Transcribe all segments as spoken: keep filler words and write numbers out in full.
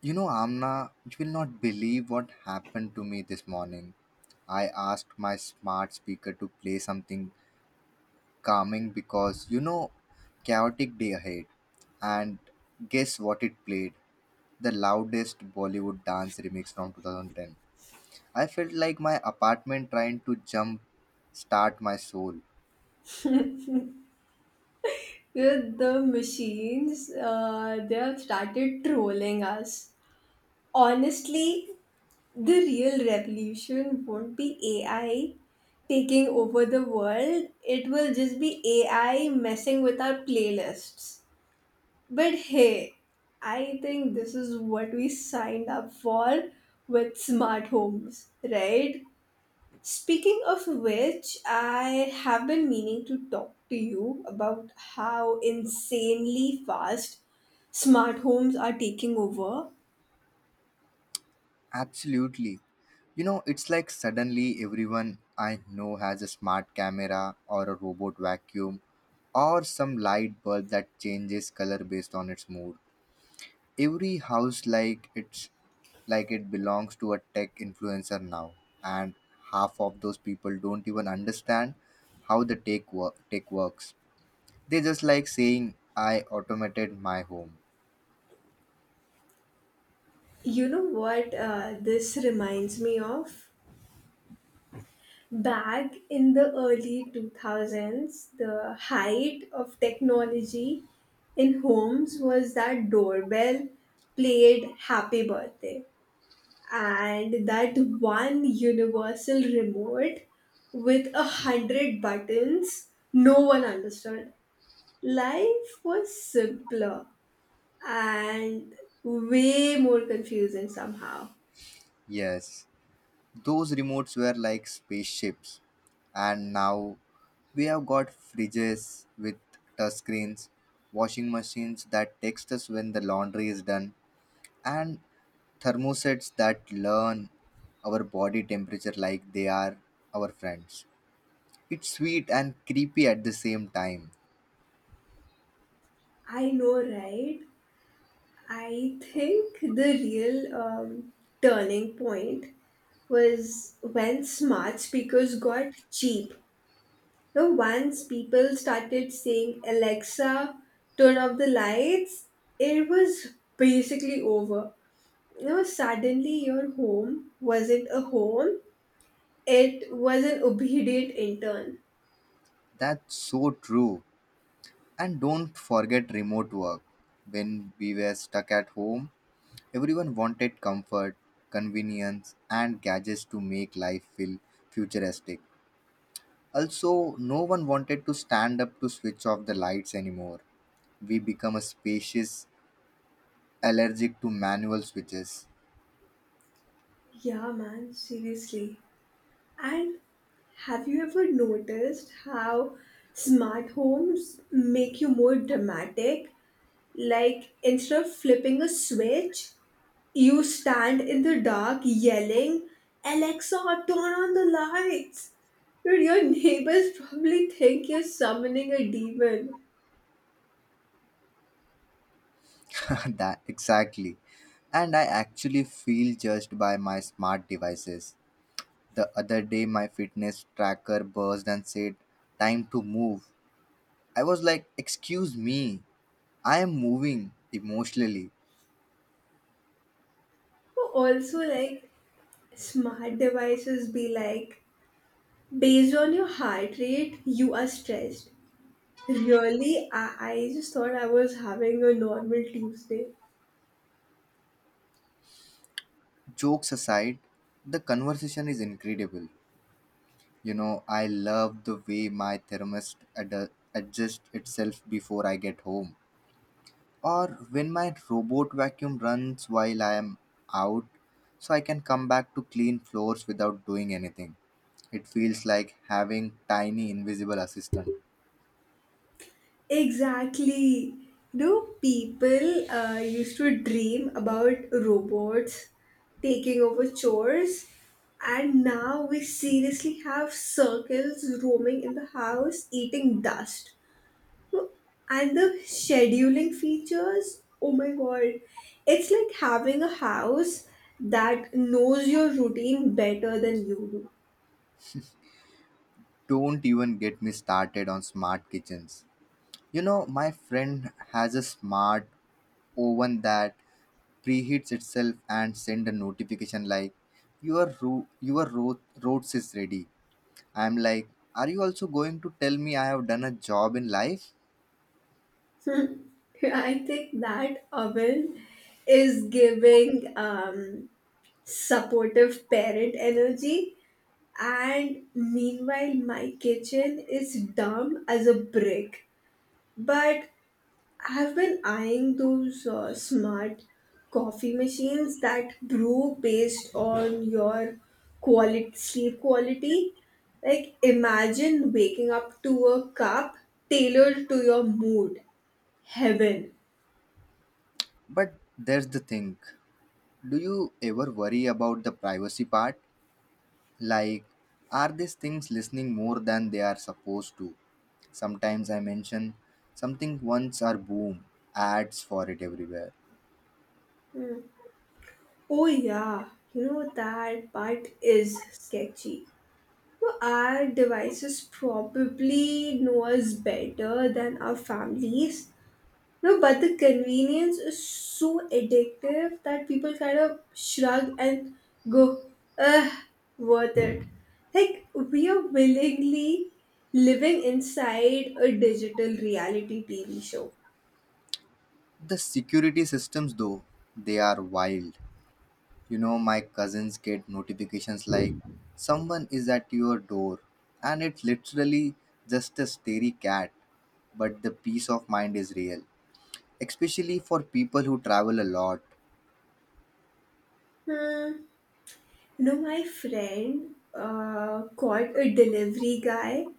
You know, Amna, you will not believe what happened to me this morning. I asked my smart speaker to play something calming because, you know, chaotic day ahead. And guess what it played? The loudest Bollywood dance remix from two thousand ten. I felt like my apartment trying to jump start my soul. Yeah, the machines uh, they have started trolling us honestly. The real revolution won't be ai taking over the world, it will just be ai messing with our playlists. But hey, I think this is what we signed up for with smart homes, right? Speaking of which, I have been meaning to talk to you about how insanely fast smart homes are taking over. Absolutely. You know, it's like suddenly everyone I know has a smart camera or a robot vacuum or some light bulb that changes color based on its mood. Every house like it's like it belongs to a tech influencer now, and half of those people don't even understand how the tech work tech works. They just like saying I automated my home. You know what uh, this reminds me of? Back in the early two thousands, the height of technology in homes was that doorbell played Happy Birthday, and that one universal remote with a hundred buttons no one understood. Life was simpler and way more confusing somehow. Yes, those remotes were like spaceships, and now we have got fridges with touchscreens, washing machines that text us when the laundry is done, and Thermosets that learn our body temperature like they are our friends. It's sweet and creepy at the same time. I know, right? I think the real um, turning point was when smart speakers got cheap. Now, once people started saying, "Alexa, turn off the lights," it was basically over. You know, suddenly your home wasn't a home, it was an obedient intern. That's so true. And don't forget remote work. When we were stuck at home, everyone wanted comfort, convenience, and gadgets to make life feel futuristic. Also, no one wanted to stand up to switch off the lights anymore. We become a species allergic to manual switches. Yeah, man, seriously. And have you ever noticed how smart homes make you more dramatic? Like instead of flipping a switch, you stand in the dark yelling, "Alexa, turn on the lights." Dude, your neighbors probably think you're summoning a demon. That exactly. And I actually feel judged by my smart devices. The other day, my fitness tracker buzzed and said, "Time to move." I was like, "Excuse me, I am moving emotionally." Also, like smart devices be like, "Based on your heart rate, you are stressed." Really? I, I just thought I was having a normal Tuesday. Jokes aside, the conversation is incredible. You know, I love the way my thermostat ad- adjusts itself before I get home, or when my robot vacuum runs while I am out, so I can come back to clean floors without doing anything. It feels like having tiny invisible assistant. Exactly. You know, people uh, used to dream about robots taking over chores, and now we seriously have circles roaming in the house eating dust. And the scheduling features, oh my god, it's like having a house that knows your routine better than you do. Don't even get me started on smart kitchens. You know, my friend has a smart oven that preheats itself and send a notification like your ro- your ro- roast is ready. I'm like, are you also going to tell me I have done a job in life? I think that Owen is giving um, supportive parent energy, and meanwhile, my kitchen is dumb as a brick. But I've been eyeing those uh, smart coffee machines that brew based on your quality sleep quality. Like, imagine waking up to a cup tailored to your mood. Heaven. But there's the thing. Do you ever worry about the privacy part? Like, are these things listening more than they are supposed to? Sometimes I mention something once or boom, ads for it everywhere. Oh yeah, you know that part is sketchy. No, our devices probably know us better than our families. No, but the convenience is so addictive that people kind of shrug and go, "Ugh, worth it." Like we are willingly living inside a digital reality T V show. The security systems, though, they are wild. You know, my cousins get notifications like someone is at your door, and it's literally just a stary cat, but the peace of mind is real, especially for people who travel a lot. Hmm. You know, my friend uh, called a delivery guy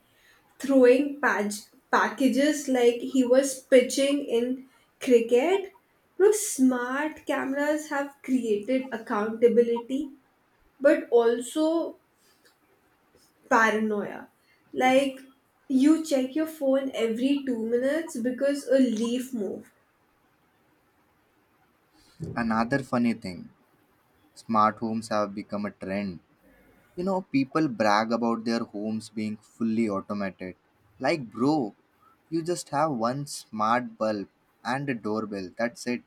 throwing pag- packages like he was pitching in cricket. You know, smart cameras have created accountability but also paranoia. Like, you check your phone every two minutes because a leaf moved. Another funny thing smart homes have become a trend. You know, people brag about their homes being fully automated. Like, bro, you just have one smart bulb and a doorbell. That's it.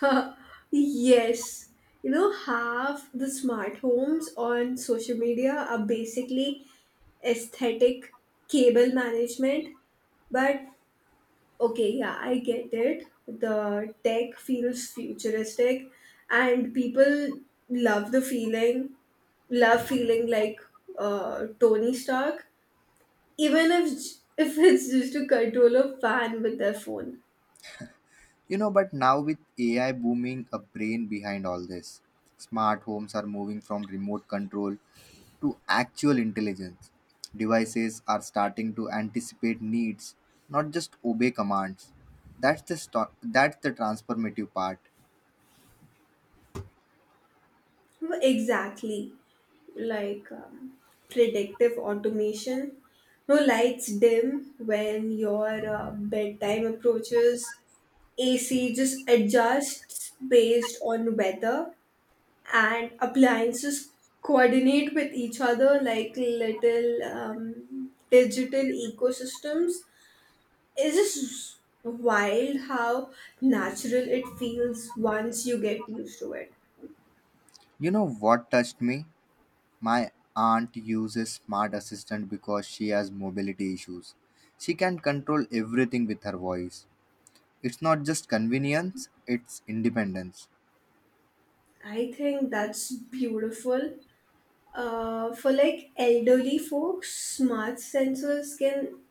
Yes. You know, half the smart homes on social media are basically aesthetic cable management, but okay, yeah, I get it. The tech feels futuristic, and people love the feeling, love feeling like uh, Tony Stark, even if j- if it's just to control a fan with their phone. You know, but now with A I booming, a brain behind all this, smart homes are moving from remote control to actual intelligence. Devices are starting to anticipate needs, not just obey commands. That's the sto- that's the transformative part. Exactly, like um, predictive automation. No, lights dim when your uh, bedtime approaches. A C just adjusts based on weather, and appliances coordinate with each other like little um, digital ecosystems. It's just wild how natural it feels once you get used to it. You know what touched me? My aunt uses smart assistant because she has mobility issues. She can control everything with her voice. It's not just convenience, it's independence. I think that's beautiful. Uh, for like elderly folks, smart sensors can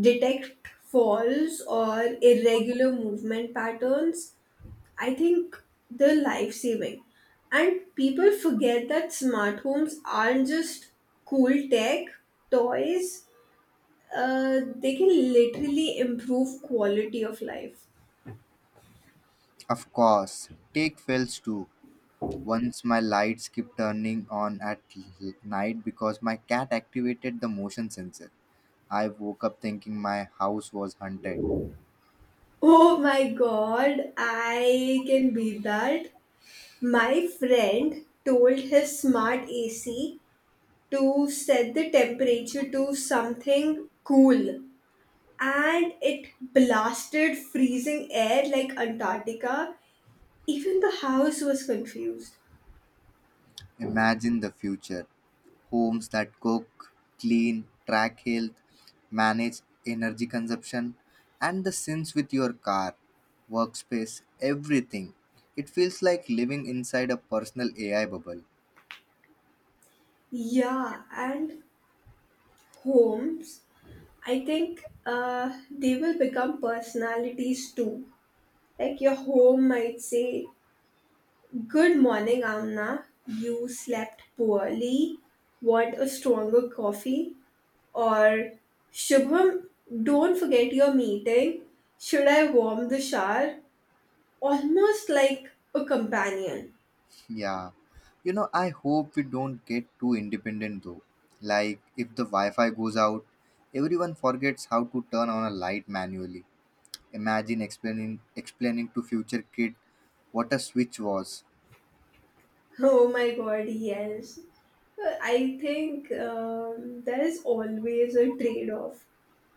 detect falls or irregular movement patterns. I think they're life saving. And people forget that smart homes aren't just cool tech, toys, uh, they can literally improve quality of life. Of course, take fails too. Once my lights kept turning on at l- night because my cat activated the motion sensor. I woke up thinking my house was haunted. Oh my god, I can beat that. My friend told his smart A C to set the temperature to something cool, and it blasted freezing air like Antarctica. Even the house was confused. Imagine the future homes that cook, clean, track health, manage energy consumption, and the syncs with your car, workspace, everything. It feels like living inside a personal A I bubble. Yeah, and homes, I think uh, they will become personalities too. Like your home might say, "Good morning, Amna. You slept poorly. Want a stronger coffee?" Or, "Shubham, don't forget your meeting. Should I warm the shower?" Almost like a companion. Yeah. You know, I hope we don't get too independent though. Like, if the Wi Fi goes out, everyone forgets how to turn on a light manually. Imagine explaining explaining to future kid what a switch was. Oh my god, yes. Uh, I think um, there is always a trade off.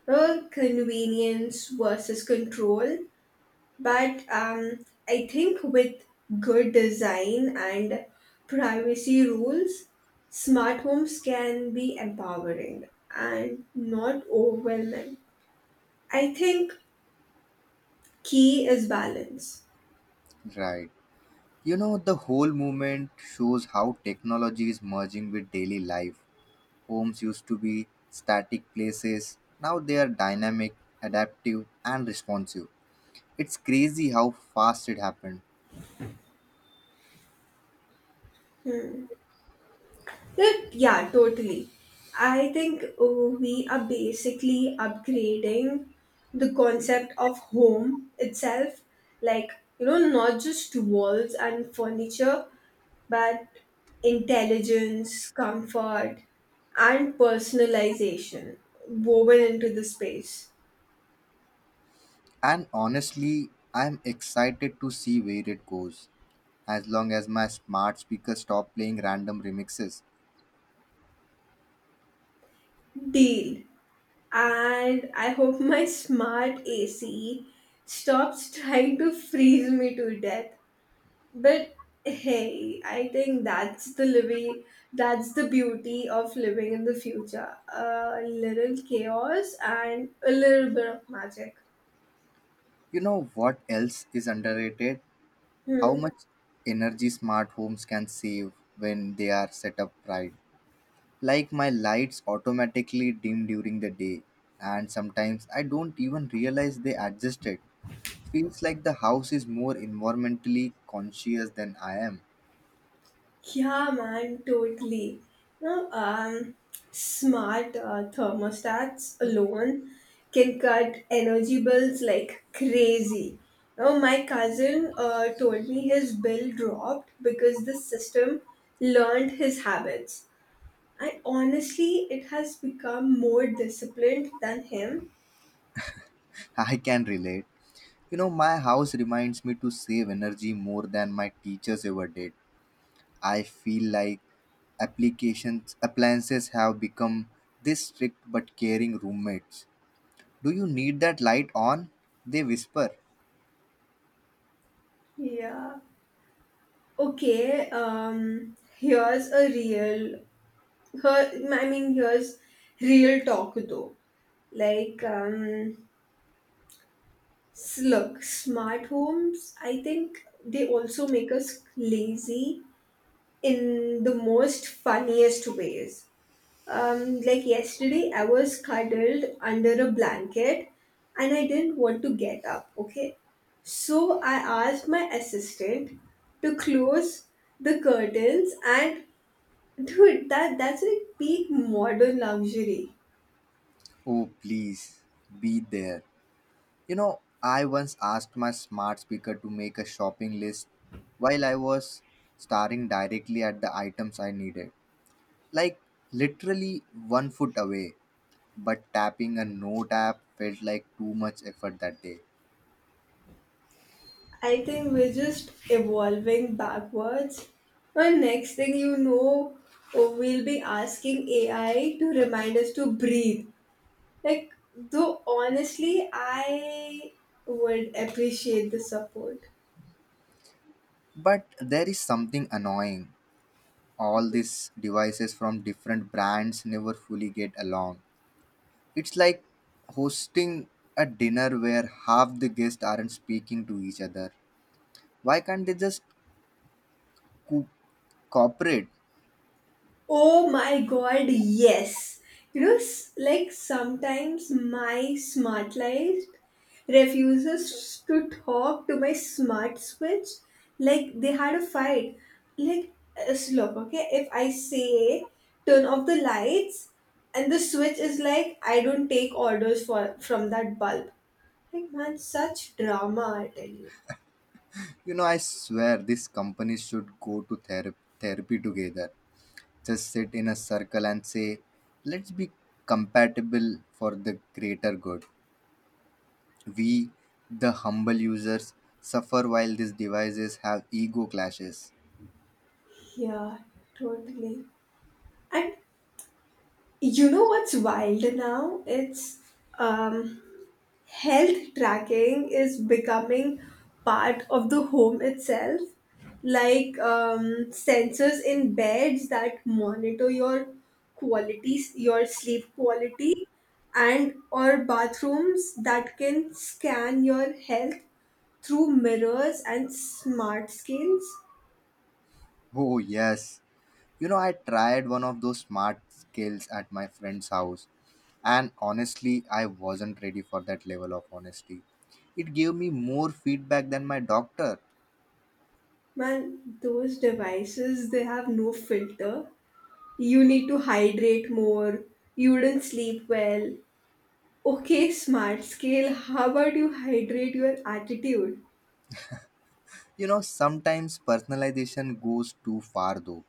Uh, convenience versus control. But um, I think with good design and privacy rules, smart homes can be empowering and not overwhelming. I think key is balance. Right. You know, the whole movement shows how technology is merging with daily life. Homes used to be static places, now they are dynamic, adaptive, and responsive. It's crazy how fast it happened. Right. Yeah, totally. I think uh, we are basically upgrading the concept of home itself. Like, you know, not just walls and furniture, but intelligence, comfort, and personalization woven into the space. And honestly, I'm excited to see where it goes, as long as my smart speaker stop playing random remixes. Deal. And I hope my smart A C stops trying to freeze me to death. But hey, I think that's the living, that's the beauty of living in the future. A little chaos and a little bit of magic. You know what else is underrated? How Hmm. much energy smart homes can save when they are set up right. Like my lights automatically dim during the day, and sometimes I don't even realize they adjusted. Feels like the house is more environmentally conscious than I am. Yeah, man, totally. No, um, smart uh, thermostats alone can cut energy bills like crazy. Oh, my cousin uh, told me his bill dropped because the system learned his habits. And honestly, it has become more disciplined than him. I can relate. You know, my house reminds me to save energy more than my teachers ever did. I feel like applications appliances have become this strict but caring roommates. Do you need that light on? They whisper. Yeah. Okay. Um. Here's a real. Her. I mean, here's real talk though. Like um. s- Look, smart homes. I think they also make us lazy in the most funniest ways. Um, like yesterday, I was cuddled under a blanket and I didn't want to get up, okay? So I asked my assistant to close the curtains, and dude, that that's like peak modern luxury. Oh please be there. You know, I once asked my smart speaker to make a shopping list while I was staring directly at the items I needed. Like literally one foot away, but tapping a note app felt like too much effort that day. I think we're just evolving backwards. And next thing you know, we'll be asking A I to remind us to breathe. Like, though honestly, I would appreciate the support. But there is something annoying. All these devices from different brands never fully get along. It's like hosting a dinner where half the guests aren't speaking to each other. Why can't they just co- cooperate? Oh my god, yes. You know, s- like sometimes my smart light refuses to talk to my smart switch. Like they had a fight. Like, uh, so look, okay, if I say turn off the lights and the switch is like, "I don't take orders for from that bulb." Like, man, such drama, I tell you. You know, I swear these companies should go to therapy, therapy together. Just sit in a circle and say, let's be compatible for the greater good. We, the humble users, suffer while these devices have ego clashes. Yeah, totally. And you know what's wild now? It's um, health tracking is becoming part of the home itself, like um, sensors in beds that monitor your qualities, your sleep quality, and or bathrooms that can scan your health through mirrors and smart screens. Oh, yes. You know, I tried one of those smart skills at my friend's house, and honestly, I wasn't ready for that level of honesty. It gave me more feedback than my doctor. Man, those devices, they have no filter. "You need to hydrate more. You wouldn't sleep well." Okay, smart scale, how about you hydrate your attitude? You know, sometimes personalization goes too far though.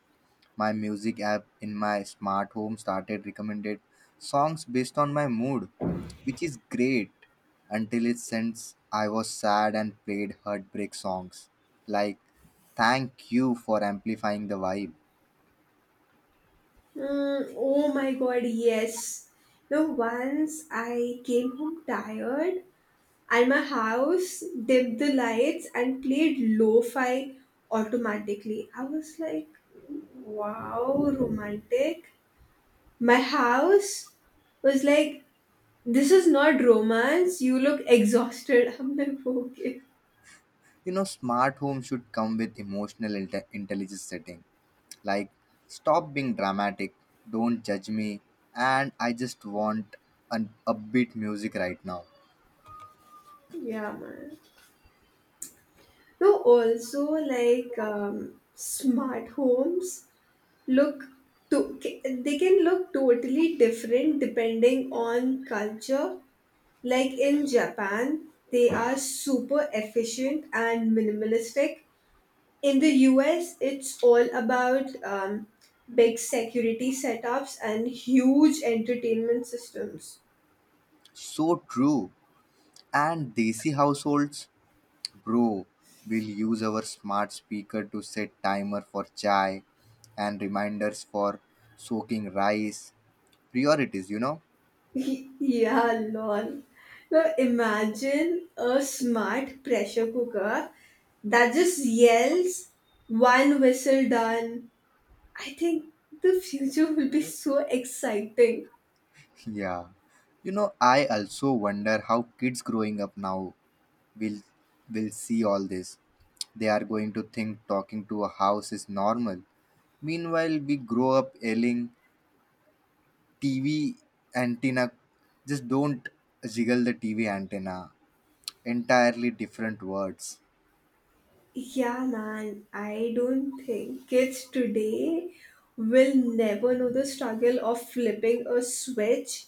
My music app in my smart home started recommended songs based on my mood, which is great until it since I was sad and played heartbreak songs. Like thank you for amplifying the vibe. Mm, oh my god, yes. Now, once I came home tired and my house dimmed the lights and played lo fi automatically. I was like, "Wow, romantic." My house was like, "This is not romance. You look exhausted." I'm like, okay. You know, smart home should come with emotional inte- intelligence setting, like stop being dramatic, don't judge me, and I just want an upbeat music right now. Yeah, man. No, also like um, smart homes look to ca- they can look totally different depending on culture. Like in Japan, they are super efficient and minimalistic, in the U S, it's all about um, big security setups and huge entertainment systems. So true. And Desi households, bro, will use our smart speaker to set timer for chai and reminders for soaking rice. Priorities, you know? Y- yeah, lol. Now imagine a smart pressure cooker that just yells, "One whistle done." I think the future will be so exciting. Yeah. You know, I also wonder how kids growing up now will will see all this. They are going to think talking to a house is normal. Meanwhile, we grow up yelling T V antenna. Just don't jiggle the T V antenna. Entirely different words. Yeah, man, I don't think kids today will never know the struggle of flipping a switch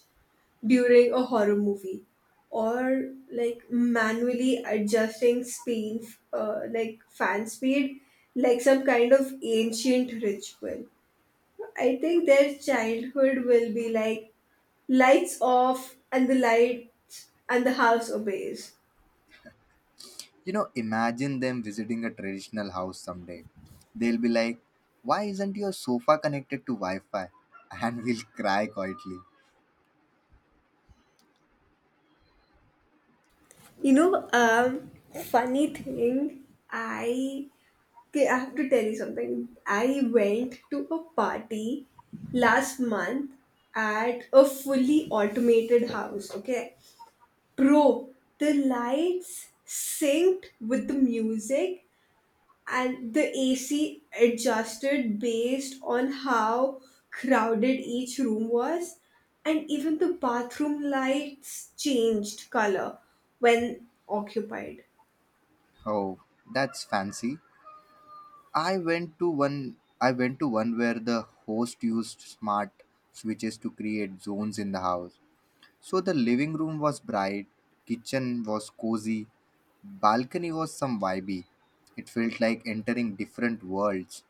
during a horror movie, or like manually adjusting speed uh, like fan speed, like some kind of ancient ritual. I think their childhood will be like, "Lights off," and the lights and the house obeys. You know, imagine them visiting a traditional house someday. They'll be like, why isn't your sofa connected to Wi Fi? And we'll cry quietly. You know um funny thing I Okay, I have to tell you something. I went to a party last month at a fully automated house. Okay, bro, the lights synced with the music, and the A C adjusted based on how crowded each room was, and even the bathroom lights changed color when occupied. Oh, that's fancy. I went to one I went to one where the host used smart switches to create zones in the house. So the living room was bright, kitchen was cozy, balcony was some vibey. It felt like entering different worlds.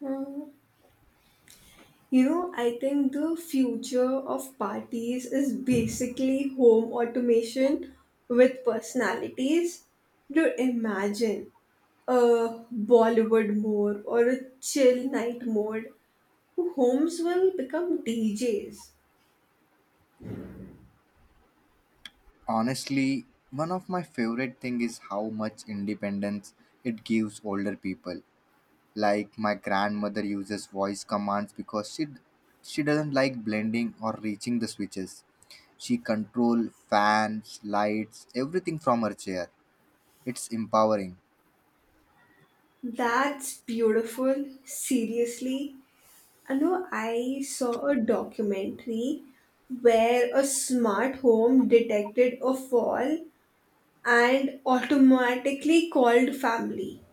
Hmm. You know, I think the future of parties is basically home automation with personalities. Do imagine a Bollywood mode or a chill night mode. Homes will become D Js. Honestly, one of my favorite thing is how much independence it gives older people. Like my grandmother uses voice commands because she she doesn't like blending or reaching the switches. She control fans, lights, everything from her chair. It's empowering, That's beautiful, seriously. I know, I saw a documentary where a smart home detected a fall and automatically called family.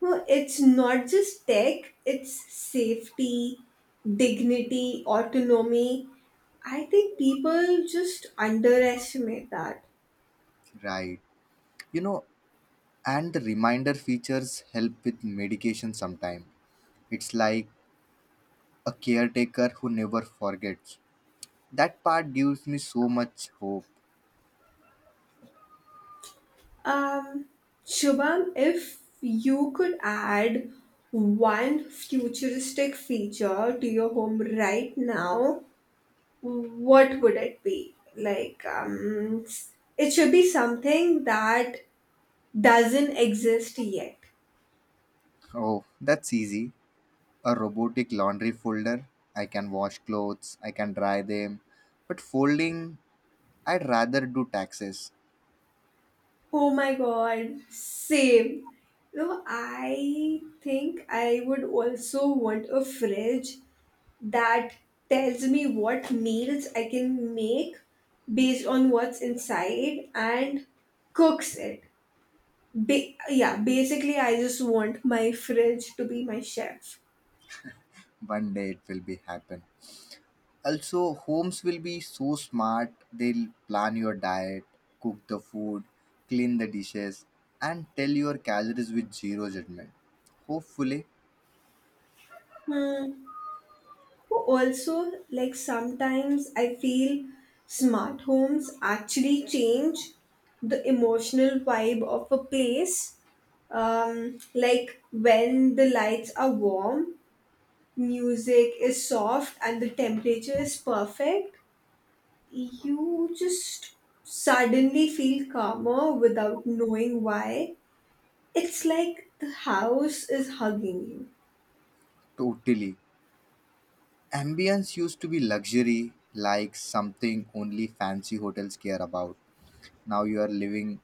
No, it's not just tech, it's safety, dignity, autonomy. I think people just underestimate that. right? You know, and the reminder features help with medication sometime. It's like a caretaker who never forgets. That part gives me so much hope. Um, Shubham, if you could add one futuristic feature to your home right now, what would it be? Like, um, it should be something that doesn't exist yet. Oh, that's easy. A robotic laundry folder. I can wash clothes, I can dry them. But folding, I'd rather do taxes. Oh my god, same. No, I think I would also want a fridge that tells me what meals I can make based on what's inside and cooks it. Ba- yeah, basically, I just want my fridge to be my chef. One day it will be happen. Also, homes will be so smart. They'll plan your diet, cook the food, clean the dishes, and tell your calories with zero judgment. Hopefully, Hmm. Also, like sometimes I feel smart homes actually change the emotional vibe of a place. Um, like when the lights are warm, music is soft, and the temperature is perfect, you just suddenly feel calmer without knowing why. It's like the house is hugging you. totally. Ambience used to be luxury, like something only fancy hotels care about. Now you are living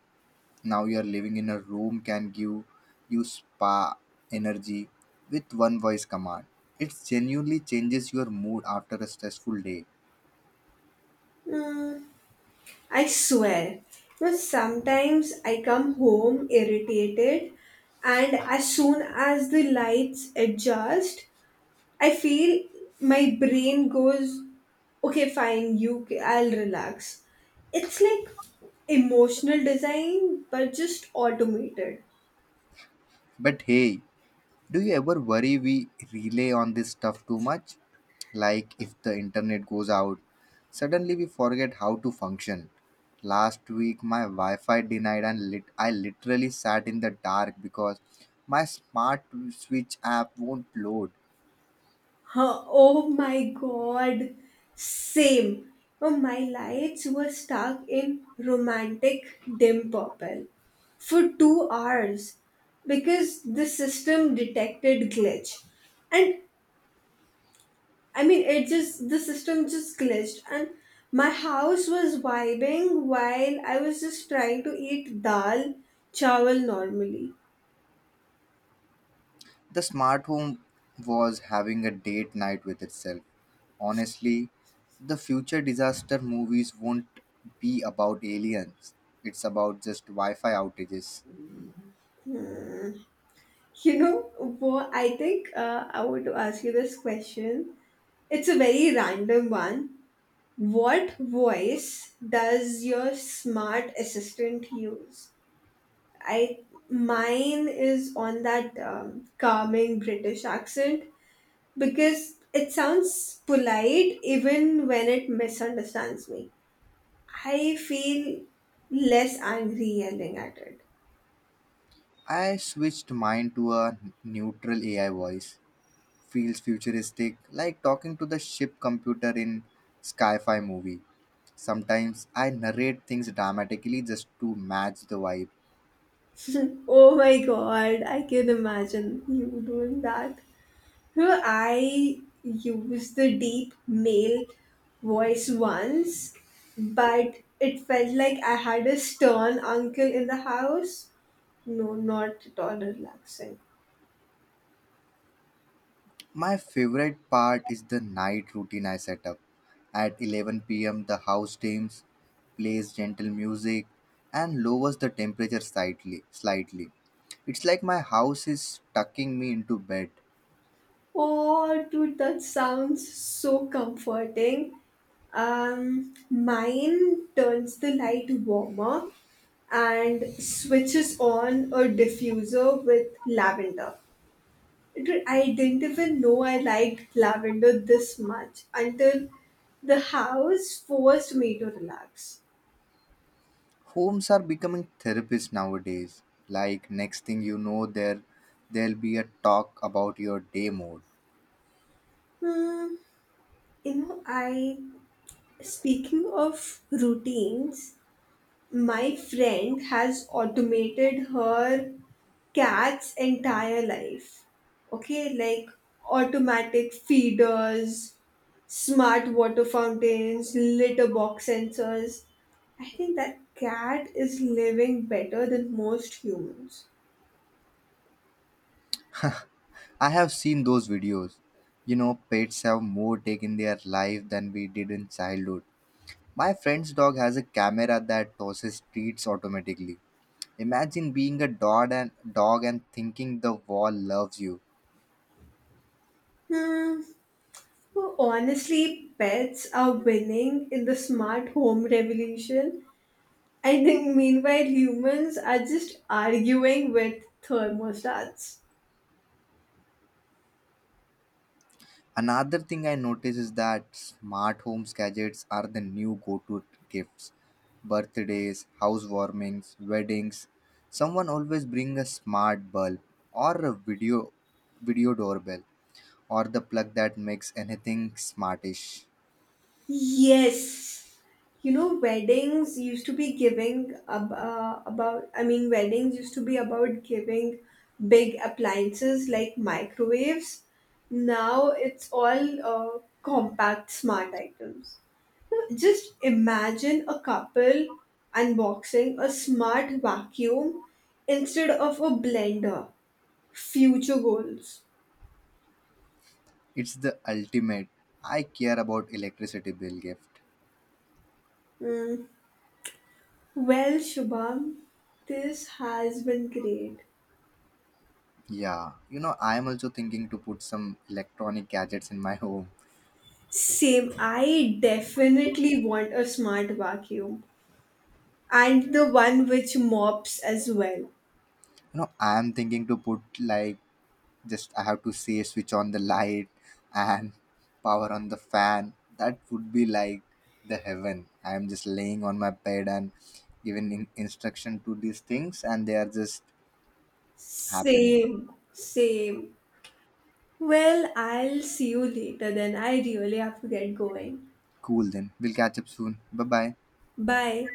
Now you're living in a room can give you spa energy with one voice command. It genuinely changes your mood after a stressful day. Mm, I swear. You know, sometimes I come home irritated, and as soon as the lights adjust, I feel my brain goes, "Okay, fine, you, I'll relax." It's like emotional design, but just automated. But hey, do you ever worry we rely on this stuff too much? Like if the internet goes out, suddenly we forget how to function. Last week my wi-fi denied and lit- I literally sat in the dark because my smart switch app won't load. Huh, oh my god, same. Oh, my lights were stuck in romantic dim purple for two hours because the system detected glitch. And I mean, it just, the system just glitched. And my house was vibing while I was just trying to eat dal chawal normally. The smart home was having a date night with itself. Honestly, the future disaster movies won't be about aliens. It's about just Wi-Fi outages. You know what? I think uh, I want to ask you this question. It's a very random one. What voice does your smart assistant use? I Mine is on that um, calming British accent because it sounds polite even when it misunderstands me. I feel less angry yelling at it. I switched mine to a neutral A I voice. Feels futuristic, like talking to the ship computer in sci-fi movie. Sometimes I narrate things dramatically just to match the vibe. Oh my god, I can imagine you doing that. Well, I used the deep male voice once, but it felt like I had a stern uncle in the house. No, not at all relaxing. My favorite part is the night routine I set up. At eleven p m, the house dims, plays gentle music, and lowers the temperature slightly. slightly. It's like my house is tucking me into bed. Oh, dude, that sounds so comforting. Um, mine turns the light warmer and switches on a diffuser with lavender. Dude, I didn't even know I liked lavender this much until the house forced me to relax. Homes are becoming therapists nowadays. Like, next thing you know, there, there'll be a talk about your day mode. Hmm. You know, I speaking of routines, my friend has automated her cat's entire life. Okay, like automatic feeders, smart water fountains, litter box sensors. I think that cat is living better than most humans. I have seen those videos. You know, pets have more take in their life than we did in childhood. My friend's dog has a camera that tosses treats automatically. Imagine being a dog and dog and thinking the wall loves you. Hmm. Well, honestly, pets are winning in the smart home revolution. I think meanwhile humans are just arguing with thermostats. Another thing I notice is that smart homes gadgets are the new go-to gifts. Birthdays, housewarmings, weddings. Someone always bring a smart bulb or a video video doorbell or the plug that makes anything smartish. Yes. You know, weddings used to be giving ab- uh, about, I mean, weddings used to be about giving big appliances like microwaves. Now it's all uh, compact smart items. Just imagine a couple unboxing a smart vacuum instead of a blender. Future goals. It's the ultimate I care about electricity bill gift. Hmm. Well, Shubham, this has been great. Yeah, you know, I am also thinking to put some electronic gadgets in my home. Same. I definitely want a smart vacuum and the one which mops as well. You know, I am thinking to put like just I have to say switch on the light and power on the fan. That would be like the heaven. I am just laying on my bed and giving in- instruction to these things, and they are just happening. Same. Same. Well, I'll see you later then. I really have to get going. Cool, then we'll catch up soon. Bye bye. Bye.